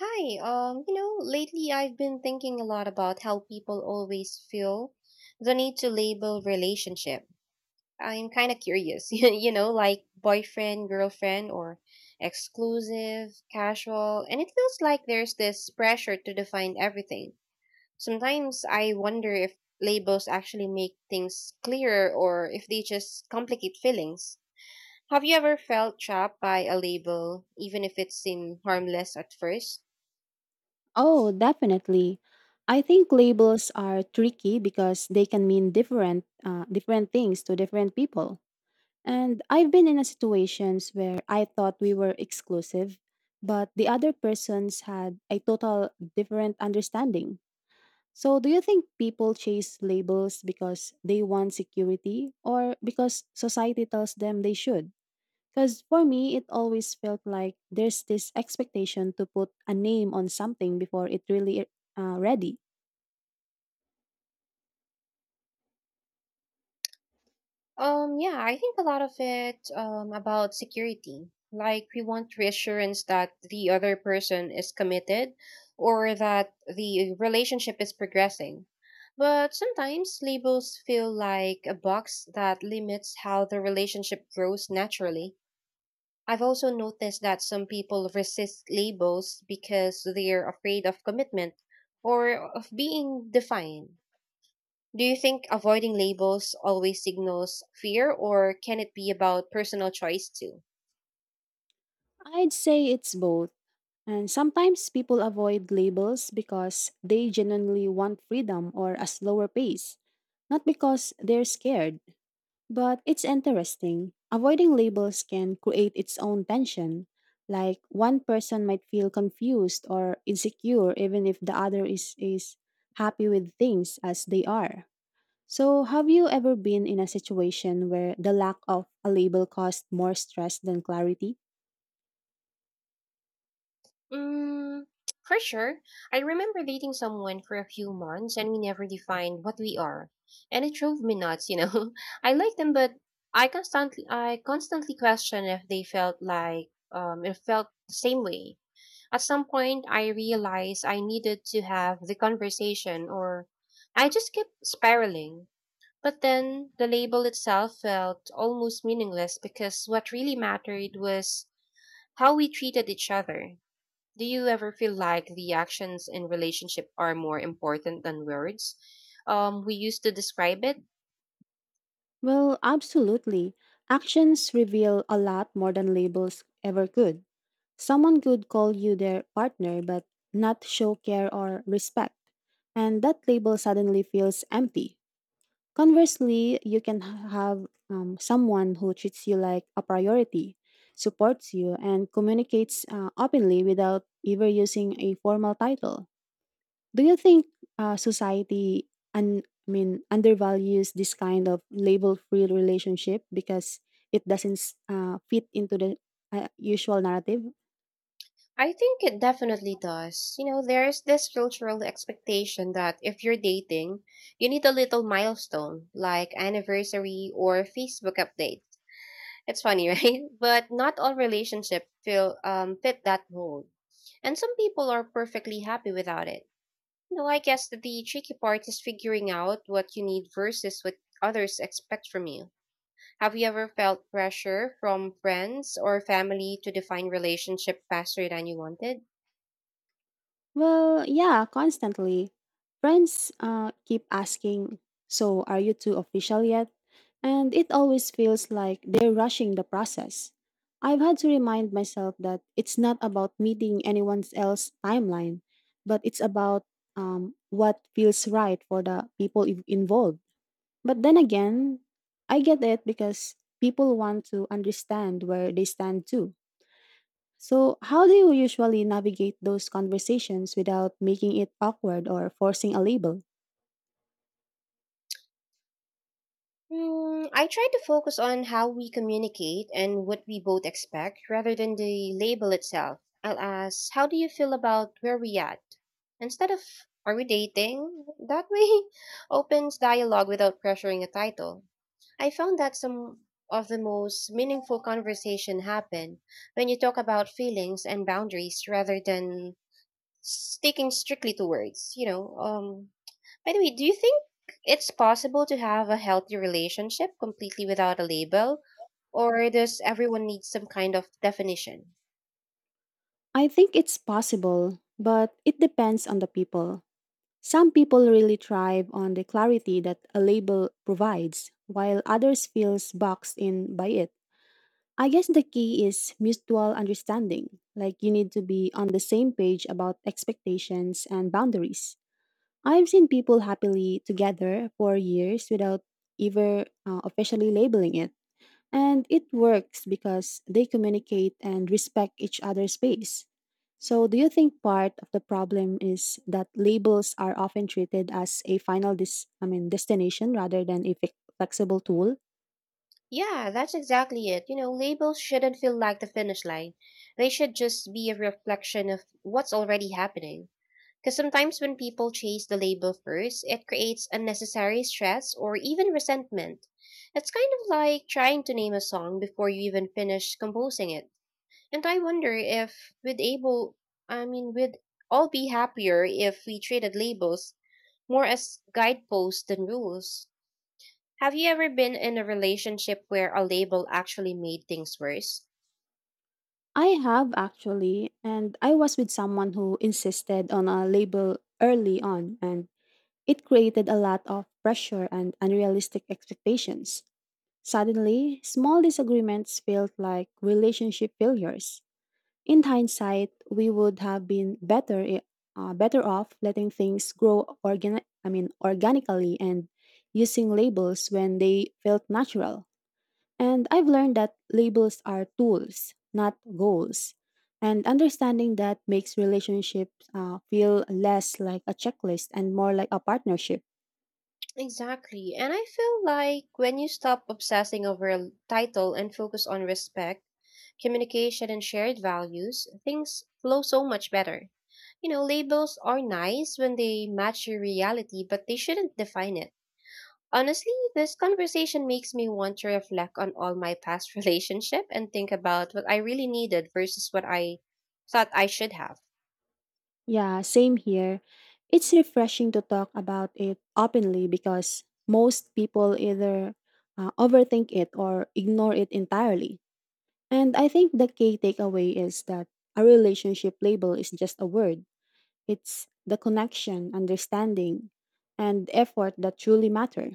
Hi, lately I've been thinking a lot about how people always feel the need to label relationship. I'm kind of curious, you know, like boyfriend, girlfriend, or exclusive, casual, and it feels like there's this pressure to define everything. Sometimes I wonder if labels actually make things clearer or if they just complicate feelings. Have you ever felt trapped by a label, even if it seemed harmless at first? Oh, definitely. I think labels are tricky because they can mean different things to different people. And I've been in a situations where I thought we were exclusive, but the other persons had a total different understanding. So, do you think people chase labels because they want security or because society tells them they should? Because for me, it always felt like there's this expectation to put a name on something before it really ready. Yeah, I think a lot of it about security. Like, we want reassurance that the other person is committed or that the relationship is progressing. But sometimes labels feel like a box that limits how the relationship grows naturally. I've also noticed that some people resist labels because they're afraid of commitment or of being defined. Do you think avoiding labels always signals fear, or can it be about personal choice too? I'd say it's both. And sometimes people avoid labels because they genuinely want freedom or a slower pace, not because they're scared. But it's interesting. Avoiding labels can create its own tension. Like one person might feel confused or insecure even if the other is happy with things as they are. So, have you ever been in a situation where the lack of a label caused more stress than clarity? Mm, for sure. I remember dating someone for a few months and we never defined what we are. And it drove me nuts, you know. I like them but I constantly question if they felt like it felt the same way. At some point I realized I needed to have the conversation or I just kept spiraling. But then the label itself felt almost meaningless because what really mattered was how we treated each other. Do you ever feel like the actions in relationship are more important than words we used to describe it? Well, absolutely. Actions reveal a lot more than labels ever could. Someone could call you their partner but not show care or respect, and that label suddenly feels empty. Conversely, you can have someone who treats you like a priority, supports you, and communicates openly without ever using a formal title. Do you think society undervalues this kind of label-free relationship because it doesn't fit into the usual narrative? I think it definitely does. You know, there's this cultural expectation that if you're dating, you need a little milestone like anniversary or Facebook update. It's funny, right? But not all relationships feel fit that mold. And some people are perfectly happy without it. You know, I guess that the tricky part is figuring out what you need versus what others expect from you. Have you ever felt pressure from friends or family to define relationship faster than you wanted? Well, yeah, constantly. Friends keep asking, so, are you two official yet? And it always feels like they're rushing the process. I've had to remind myself that it's not about meeting anyone else's timeline, but it's about what feels right for the involved. But then again, I get it because people want to understand where they stand too. So, how do you usually navigate those conversations without making it awkward or forcing a label? Mm, I try to focus on how we communicate and what we both expect rather than the label itself. I'll ask, how do you feel about where we at? Instead of, are we dating? That way opens dialogue without pressuring a title. I found that some of the most meaningful conversation happen when you talk about feelings and boundaries rather than sticking strictly to words, by the way, do you think it's possible to have a healthy relationship completely without a label? Or does everyone need some kind of definition? I think it's possible, but it depends on the people. Some people really thrive on the clarity that a label provides, while others feels boxed in by it. I guess the key is mutual understanding. Like you need to be on the same page about expectations and boundaries. I've seen people happily together for years without ever officially labeling it. And it works because they communicate and respect each other's space. So, do you think part of the problem is that labels are often treated as a final destination rather than a flexible tool? Yeah, that's exactly it. You know, labels shouldn't feel like the finish line. They should just be a reflection of what's already happening. Because sometimes when people chase the label first, it creates unnecessary stress or even resentment. It's kind of like trying to name a song before you even finish composing it. And I wonder if we'd able I mean we'd all be happier if we treated labels more as guideposts than rules. Have you ever been in a relationship where a label actually made things worse? I have actually, and I was with someone who insisted on a label early on, and it created a lot of pressure and unrealistic expectations. Suddenly, small disagreements felt like relationship failures. In hindsight, we would have been better off letting things grow organically and using labels when they felt natural. And I've learned that labels are tools, not goals. And understanding that makes relationships feel less like a checklist and more like a partnership. Exactly. And I feel like when you stop obsessing over a title and focus on respect, communication, and shared values, things flow so much better. You know, labels are nice when they match your reality, but they shouldn't define it. Honestly, this conversation makes me want to reflect on all my past relationship and think about what I really needed versus what I thought I should have. Yeah, same here. It's refreshing to talk about it openly because most people either overthink it or ignore it entirely. And I think the key takeaway is that a relationship label is just a word, it's the connection, understanding, and effort that truly matter.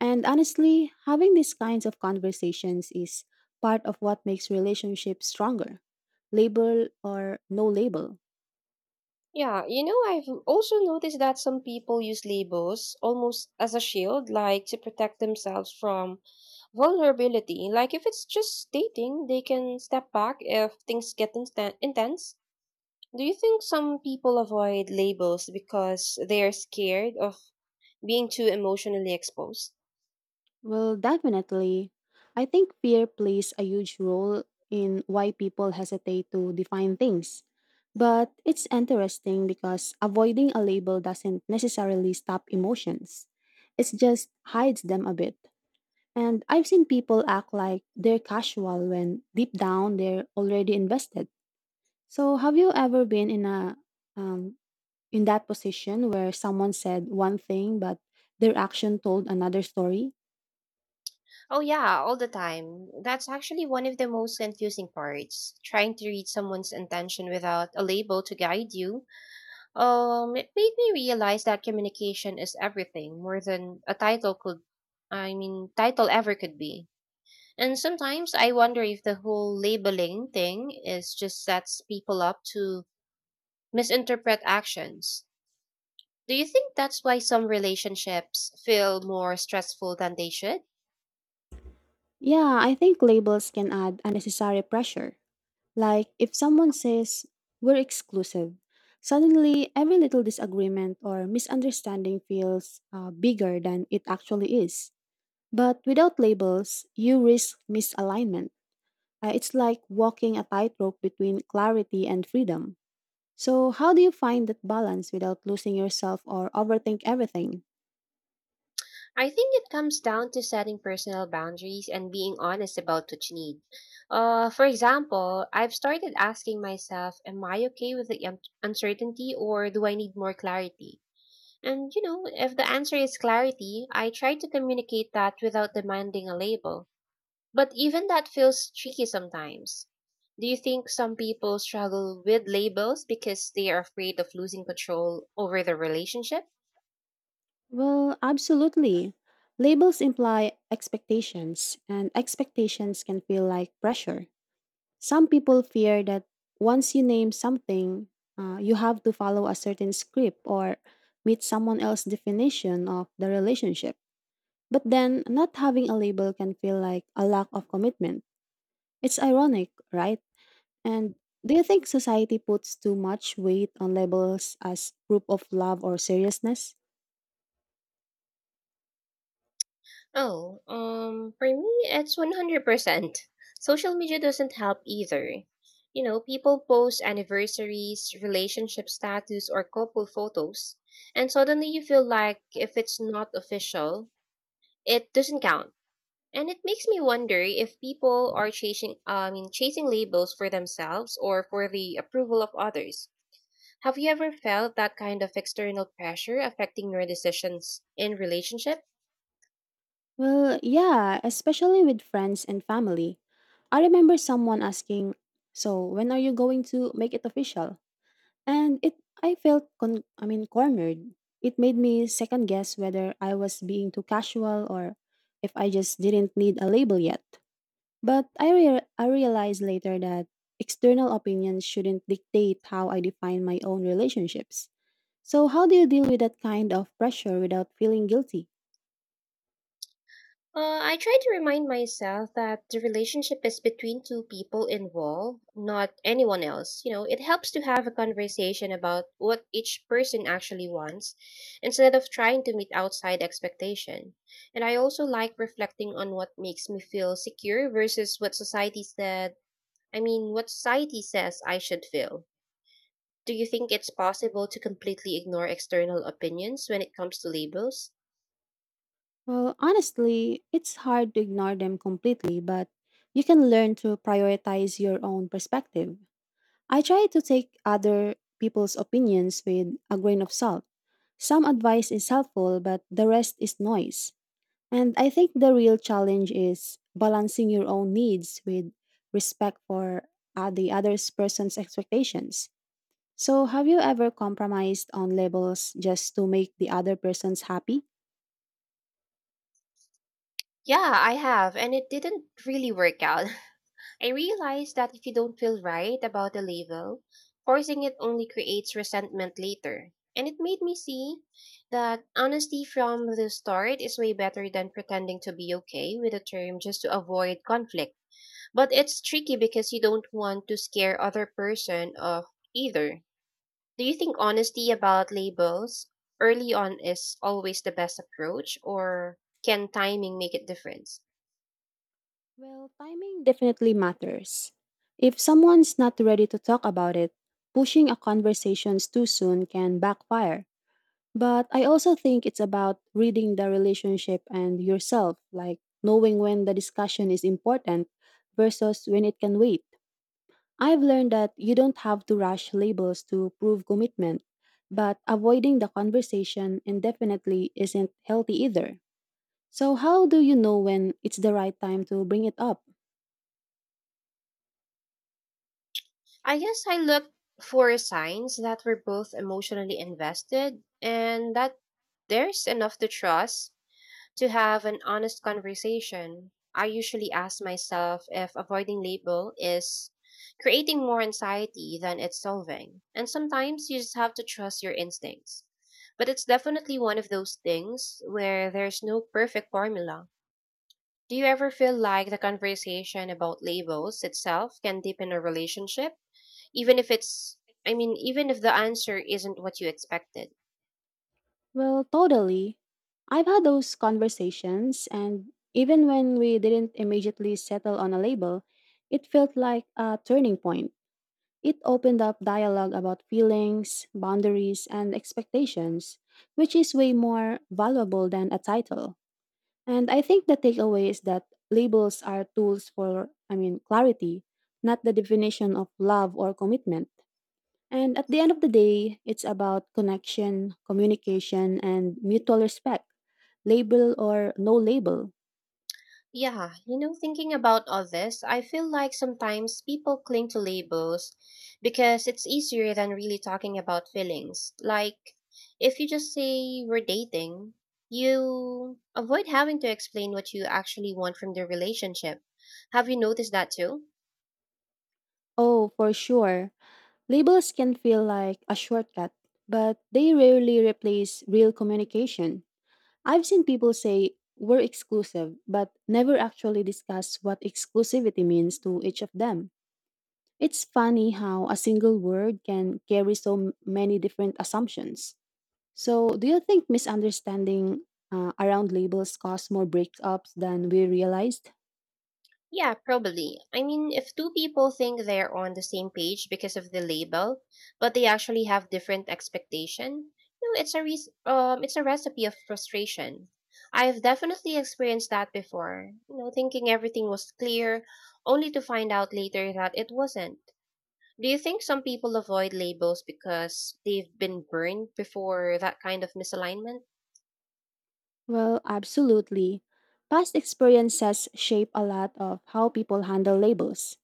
And honestly, having these kinds of conversations is part of what makes relationships stronger, label or no label. Yeah, you know, I've also noticed that some people use labels almost as a shield, like to protect themselves from vulnerability. Like if it's just dating, they can step back if things get intense. Do you think some people avoid labels because they are scared of being too emotionally exposed? Well, definitely. I think fear plays a huge role in why people hesitate to define things. But it's interesting because avoiding a label doesn't necessarily stop emotions, it just hides them a bit. And I've seen people act like they're casual when deep down they're already invested. So, have you ever been in a um, in that position where someone said one thing but their action told another story? Oh, yeah, all the time. That's actually one of the most confusing parts. Trying to read someone's intention without a label to guide you. It made me realize that communication is everything, more than a title ever could be. And sometimes I wonder if the whole labeling thing is just sets people up to misinterpret actions. Do you think that's why some relationships feel more stressful than they should? Yeah, I think labels can add unnecessary pressure. Like if someone says, we're exclusive, suddenly every little disagreement or misunderstanding feels bigger than it actually is. But without labels, you risk misalignment. It's like walking a tightrope between clarity and freedom. So, how do you find that balance without losing yourself or overthink everything? I think it comes down to setting personal boundaries and being honest about what you need. For example, I've started asking myself, am I okay with the uncertainty or do I need more clarity? And, you know, if the answer is clarity, I try to communicate that without demanding a label. But even that feels tricky sometimes. Do you think some people struggle with labels because they are afraid of losing control over the relationship? Well, absolutely. Labels imply expectations, and expectations can feel like pressure. Some people fear that once you name something, you have to follow a certain script or meet someone else's definition of the relationship. But then, not having a label can feel like a lack of commitment. It's ironic, right? And do you think society puts too much weight on labels as proof of love or seriousness? Oh, for me, it's 100%. Social media doesn't help either. You know, people post anniversaries, relationship status, or couple photos, and suddenly you feel like if it's not official, it doesn't count. And it makes me wonder if people are chasing labels for themselves or for the approval of others. Have you ever felt that kind of external pressure affecting your decisions in relationship? Well, yeah, especially with friends and family. I remember someone asking, "So, when are you going to make it official?" And it I felt cornered. It made me second guess whether I was being too casual or if I just didn't need a label yet. But I realized later that external opinions shouldn't dictate how I define my own relationships. So, how do you deal with that kind of pressure without feeling guilty? I try to remind myself that the relationship is between two people involved, not anyone else. You know, it helps to have a conversation about what each person actually wants instead of trying to meet outside expectation. And I also like reflecting on what makes me feel secure versus what society says I should feel. Do you think it's possible to completely ignore external opinions when it comes to labels? Well, honestly, it's hard to ignore them completely, but you can learn to prioritize your own perspective. I try to take other people's opinions with a grain of salt. Some advice is helpful, but the rest is noise. And I think the real challenge is balancing your own needs with respect for the other person's expectations. So, have you ever compromised on labels just to make the other person's happy? Yeah, I have, and it didn't really work out. I realized that if you don't feel right about a label, forcing it only creates resentment later. And it made me see that honesty from the start is way better than pretending to be okay with a term just to avoid conflict. But it's tricky because you don't want to scare other person off either. Do you think honesty about labels early on is always the best approach, or can timing make a difference? Well, timing definitely matters. If someone's not ready to talk about it, pushing a conversation too soon can backfire. But I also think it's about reading the relationship and yourself, like knowing when the discussion is important versus when it can wait. I've learned that you don't have to rush labels to prove commitment, but avoiding the conversation indefinitely isn't healthy either. So, how do you know when it's the right time to bring it up? I guess I looked for signs that we're both emotionally invested and that there's enough to trust To have an honest conversation, I usually ask myself if avoiding label is creating more anxiety than it's solving. And sometimes you just have to trust your instincts. But it's definitely one of those things where there's no perfect formula. Do you ever feel like the conversation about labels itself can deepen a relationship? Even if it's, I mean, even if the answer isn't what you expected? Well, totally. I've had those conversations, and even when we didn't immediately settle on a label, it felt like a turning point. It opened up dialogue about feelings, boundaries, and expectations, which is way more valuable than a title. And I think the takeaway is that labels are tools for, I mean, clarity, not the definition of love or commitment. And at the end of the day, it's about connection, communication, and mutual respect, label or no label. Yeah, you know, thinking about all this, I feel like sometimes people cling to labels because it's easier than really talking about feelings. Like, if you just say we're dating, you avoid having to explain what you actually want from the relationship. Have you noticed that too? Oh, for sure. Labels can feel like a shortcut, but they rarely replace real communication. I've seen people say we're exclusive, but never actually discuss what exclusivity means to each of them. It's funny how a single word can carry so many different assumptions. So, do you think misunderstanding around labels cause more breakups than we realized? Yeah, probably. I mean, if two people think they're on the same page because of the label, but they actually have different expectation, no, it's a it's a recipe of frustration. I've definitely experienced that before. You know, thinking everything was clear, only to find out later that it wasn't. Do you think some people avoid labels because they've been burned before that kind of misalignment? Well, absolutely. Past experiences shape a lot of how people handle labels.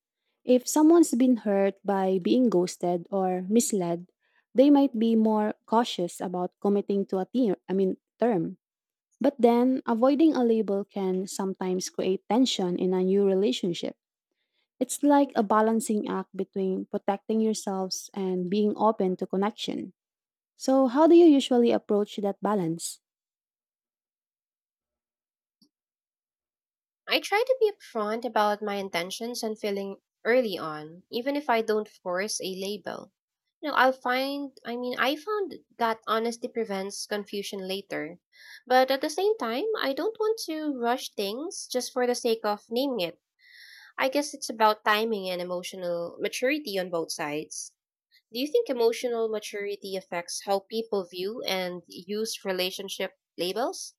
If someone's been hurt by being ghosted or misled, they might be more cautious about committing to a term, I mean, term. But then, avoiding a label can sometimes create tension in a new relationship. It's like a balancing act between protecting yourselves and being open to connection. So, how do you usually approach that balance? I try to be upfront about my intentions and feeling early on, even if I don't force a label. You know, I'll find, I mean, I found that honesty prevents confusion later. But at the same time, I don't want to rush things just for the sake of naming it. I guess it's about timing and emotional maturity on both sides. Do you think emotional maturity affects how people view and use relationship labels?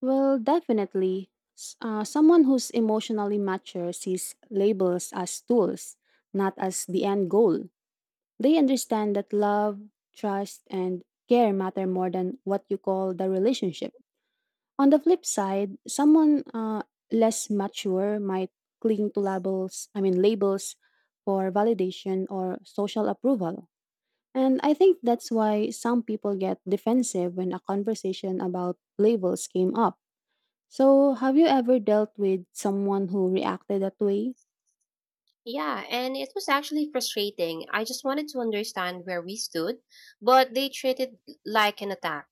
Well, definitely, someone who's emotionally mature sees labels as tools, not as the end goal. They understand that love, trust, and care matter more than what you call the relationship. On the flip side, someone less mature might cling to labels, I mean labels for validation or social approval. And I think that's why some people get defensive when a conversation about labels came up. So, have you ever dealt with someone who reacted that way? Yeah, and it was actually frustrating. I just wanted to understand where we stood, but they treated it like an attack.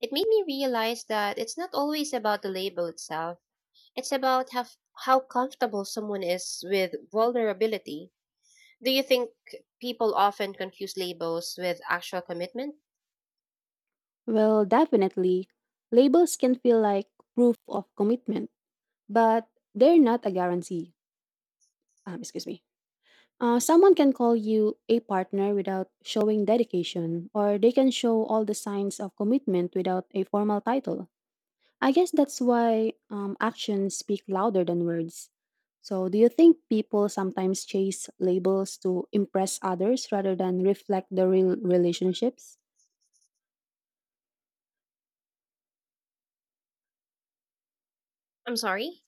It made me realize that it's not always about the label itself. It's about how comfortable someone is with vulnerability. Do you think people often confuse labels with actual commitment? Well, definitely. Labels can feel like proof of commitment, but they're not a guarantee. Excuse me. Someone can call you a partner without showing dedication, or they can show all the signs of commitment without a formal title. I guess that's why actions speak louder than words. So, do you think people sometimes chase labels to impress others rather than reflect the real relationships? I'm sorry,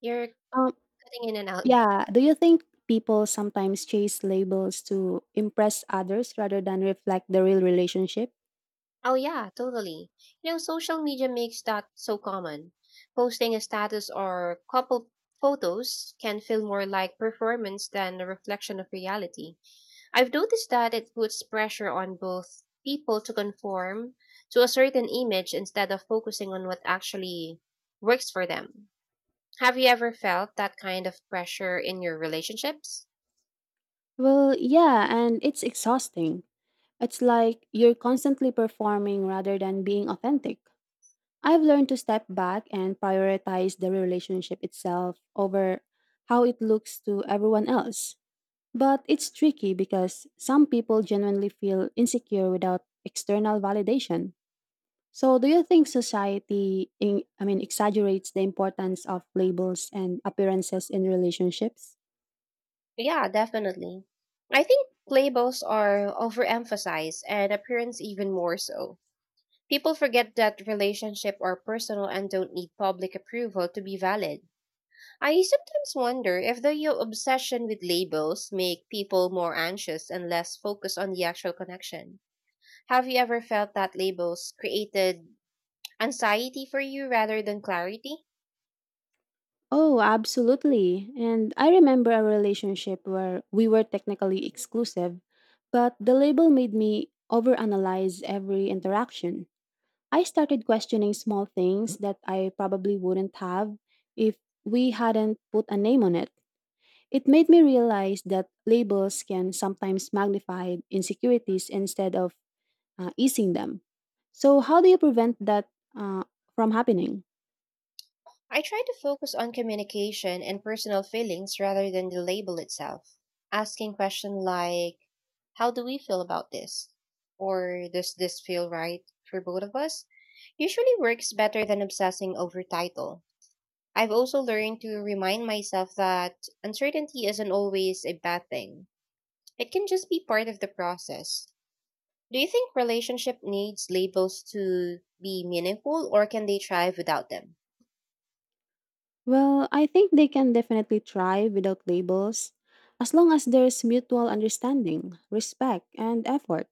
you're Um, cutting in and out. yeah. Do you think people sometimes chase labels to impress others rather than reflect the real relationship? Oh, yeah, totally. You know, social media makes that so common. Posting a status or couple photos can feel more like performance than a reflection of reality. I've noticed that it puts pressure on both people to conform to a certain image instead of focusing on what actually works for them. Have you ever felt that kind of pressure in your relationships? Well, yeah, and it's exhausting. It's like you're constantly performing rather than being authentic. I've learned to step back and prioritize the relationship itself over how it looks to everyone else. But it's tricky because some people genuinely feel insecure without external validation. So, do you think society, in, I mean, exaggerates the importance of labels and appearances in relationships? Yeah, definitely. I think labels are overemphasized and appearance even more so. People forget that relationship are personal and don't need public approval to be valid. I sometimes wonder if the obsession with labels make people more anxious and less focused on the actual connection. Have you ever felt that labels created anxiety for you rather than clarity? Oh, absolutely. And I remember a relationship where we were technically exclusive, but the label made me overanalyze every interaction. I started questioning small things that I probably wouldn't have if we hadn't put a name on it. It made me realize that labels can sometimes magnify insecurities instead of easing them. So, how do you prevent that uh, from happening? I try to focus on communication and personal feelings rather than the label itself. Asking questions like, how do we feel about this? Or does this feel right for both of us? Usually works better than obsessing over title. I've also learned to remind myself that uncertainty isn't always a bad thing. It can just be part of the process. Do you think relationship needs labels to be meaningful or can they thrive without them? Well, I think they can definitely thrive without labels as long as there's mutual understanding, respect, and effort.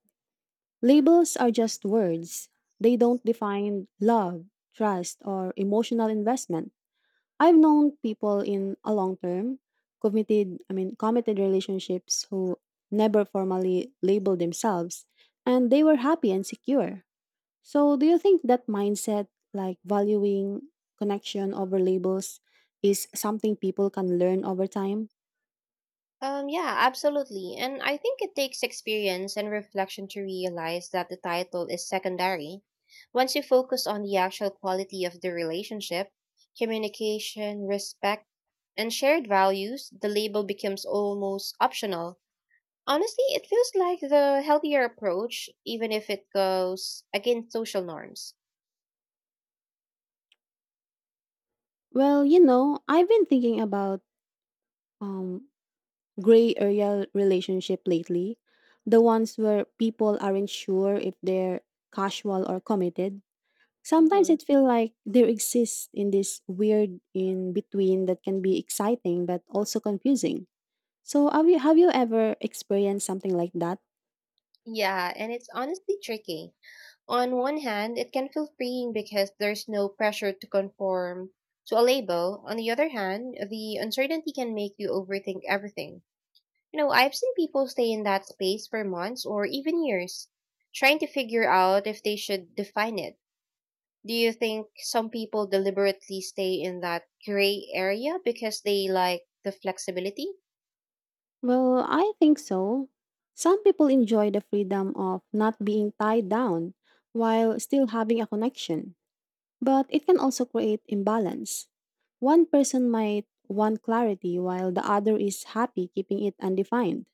Labels are just words, they don't define love, trust, or emotional investment. I've known people in a long term, committed relationships who never formally labeled themselves, and they were happy and secure. So, do you think that mindset, like valuing connection over labels, is something people can learn over time? Yeah, absolutely. And I think it takes experience and reflection to realize that the title is secondary. Once you focus on the actual quality of the relationship, communication, respect, and shared values, the label becomes almost optional. Honestly, it feels like the healthier approach, even if it goes against social norms. Well, you know, I've been thinking about um, gray area relationship lately, the ones where people aren't sure if they're casual or committed. Sometimes Mhm. it feels like there exists in this weird in between that can be exciting but also confusing. So, have you ever experienced something like that? Yeah, and it's honestly tricky. On one hand, it can feel freeing because there's no pressure to conform to a label. On the other hand, the uncertainty can make you overthink everything. You know, I've seen people stay in that space for months or even years, trying to figure out if they should define it. Do you think some people deliberately stay in that gray area because they like the flexibility? Well, I think so. Some people enjoy the freedom of not being tied down while still having a connection, but it can also create imbalance. One person might want clarity while the other is happy keeping it undefined.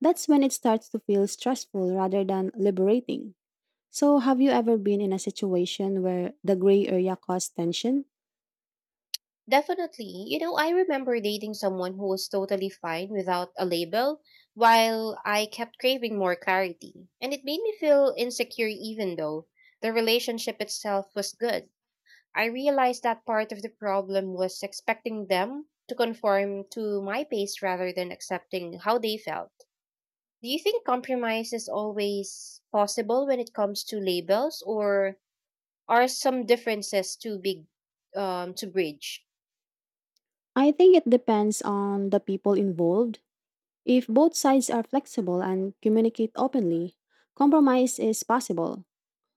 That's when it starts to feel stressful rather than liberating. So, have you ever been in a situation where the gray area caused tension? Definitely. You know, I remember dating someone who was totally fine without a label, while I kept craving more clarity. And it made me feel insecure even though the relationship itself was good. I realized that part of the problem was expecting them to conform to my pace rather than accepting how they felt. Do you think compromise is always possible when it comes to labels, or are some differences too big to bridge? I think it depends on the people involved. If both sides are flexible and communicate openly, compromise is possible.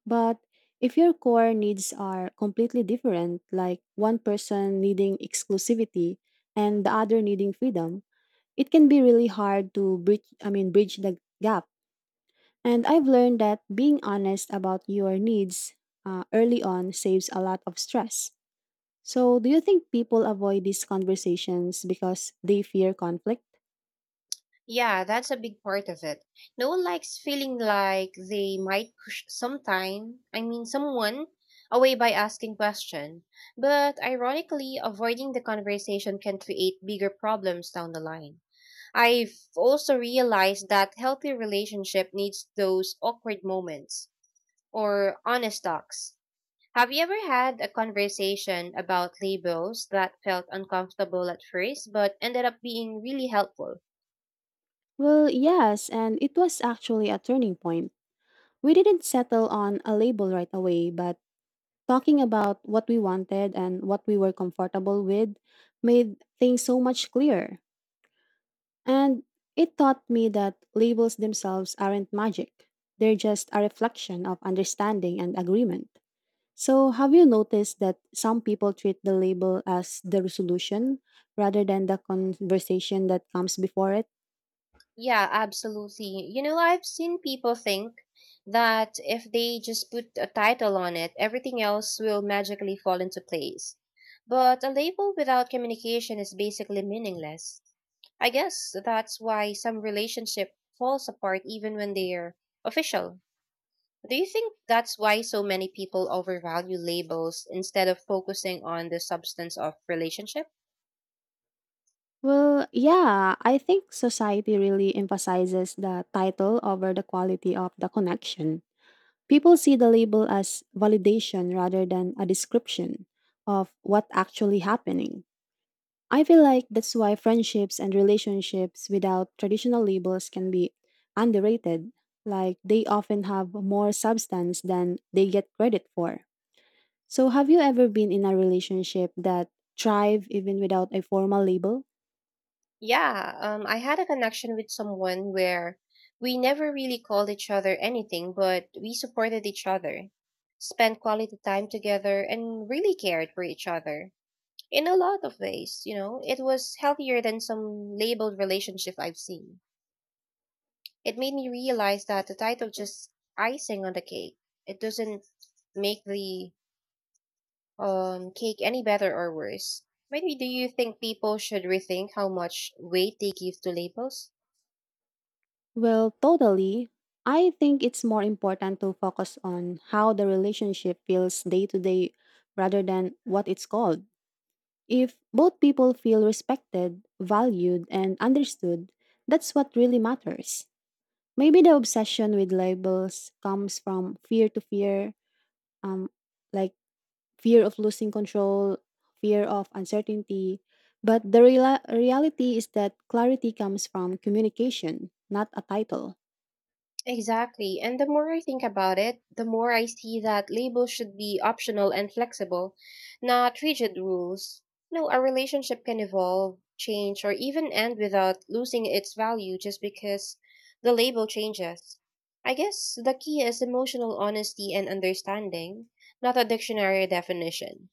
But if your core needs are completely different, like one person needing exclusivity and the other needing freedom, it can be really hard to bridge the gap. And I've learned that being honest about your needs early on saves a lot of stress. So, do you think people avoid these conversations because they fear conflict? Yeah, that's a big part of it. No one likes feeling like they might push sometime, I mean someone away by asking question. But ironically, avoiding the conversation can create bigger problems down the line. I've also realized that healthy relationship needs those awkward moments or honest talks. Have you ever had a conversation about labels that felt uncomfortable at first but ended up being really helpful? Well, yes, and it was actually a turning point. We didn't settle on a label right away, but talking about what we wanted and what we were comfortable with made things so much clearer. And it taught me that labels themselves aren't magic, they're just a reflection of understanding and agreement. So, have you noticed that some people treat the label as the resolution rather than the conversation that comes before it? Yeah, absolutely. You know, I've seen people think that if they just put a title on it, everything else will magically fall into place. But a label without communication is basically meaningless. I guess that's why some relationship falls apart even when they're official. Do you think that's why so many people overvalue labels instead of focusing on the substance of relationship? Well, yeah, I think society really emphasizes the title over the quality of the connection. People see the label as validation rather than a description of what actually happening. I feel like that's why friendships and relationships without traditional labels can be underrated, like they often have more substance than they get credit for. So, have you ever been in a relationship that thrived even without a formal label? Yeah, I had a connection with someone where we never really called each other anything, but we supported each other, spent quality time together, and really cared for each other in a lot of ways. You know, it was healthier than some labeled relationship I've seen. It made me realize that the title just icing on the cake. It doesn't make the cake any better or worse. Maybe do you think people should rethink how much weight they give to labels? Well, totally. I think it's more important to focus on how the relationship feels day to day rather than what it's called. If both people feel respected, valued, and understood, that's what really matters. Maybe the obsession with labels comes from fear to fear, um, like fear of losing control, fear of uncertainty. But the reality is that clarity comes from communication, not a title. Exactly. And the more I think about it, the more I see that labels should be optional and flexible, not rigid rules. No, a relationship can evolve, change, or even end without losing its value just because the label changes. I guess the key is emotional honesty and understanding, not a dictionary definition.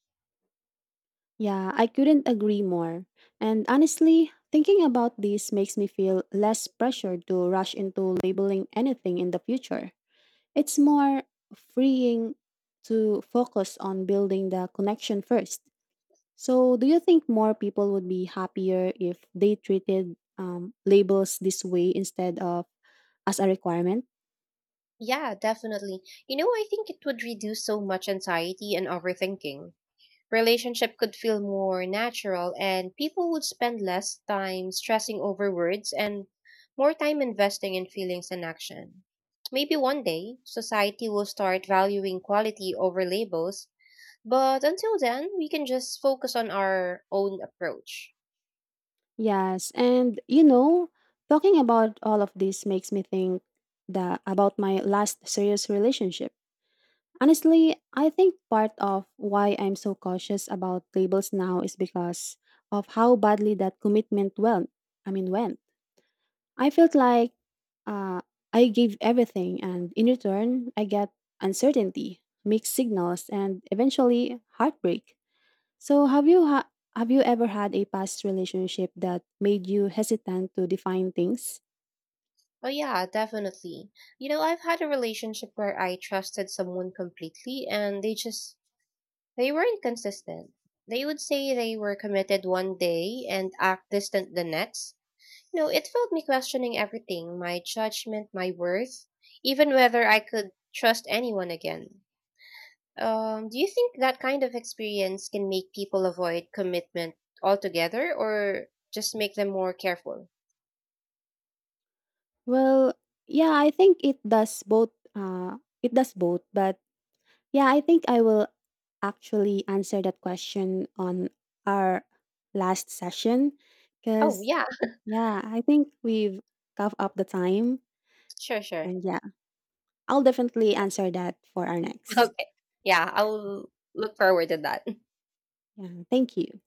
Yeah, I couldn't agree more. And honestly, thinking about this makes me feel less pressure to rush into labeling anything in the future. It's more freeing to focus on building the connection first. So, do you think more people would be happier if they treated labels this way instead of as a requirement? Yeah, definitely. You know, I think it would reduce so much anxiety and overthinking. Relationship could feel more natural and people would spend less time stressing over words and more time investing in feelings and action. Maybe one day society will start valuing quality over labels, but until then, we can just focus on our own approach. Yes, and you know, talking about all of this makes me think that about my last serious relationship. Honestly, I think part of why I'm so cautious about labels now is because of how badly that commitment went. I mean, went. I felt like uh, I gave everything, and in return, I get uncertainty, mixed signals, and eventually heartbreak. So, have you ever had a past relationship that made you hesitant to define things? Oh, yeah, definitely. You know, I've had a relationship where I trusted someone completely and they weren't consistent. They would say they were committed one day and act distant the next. No, it felt me questioning everything, my judgment, my worth, even whether I could trust anyone again. Do you think that kind of experience can make people avoid commitment altogether or just make them more careful? Well, yeah, I think it does both. It does both, but Yeah, I think I will actually answer that question on our last session Oh, because, yeah, yeah, I think we've covered up the time. sure, sure. And yeah, I'll definitely answer that for our next. Okay. Yeah, I'll look forward to that. Yeah, thank you.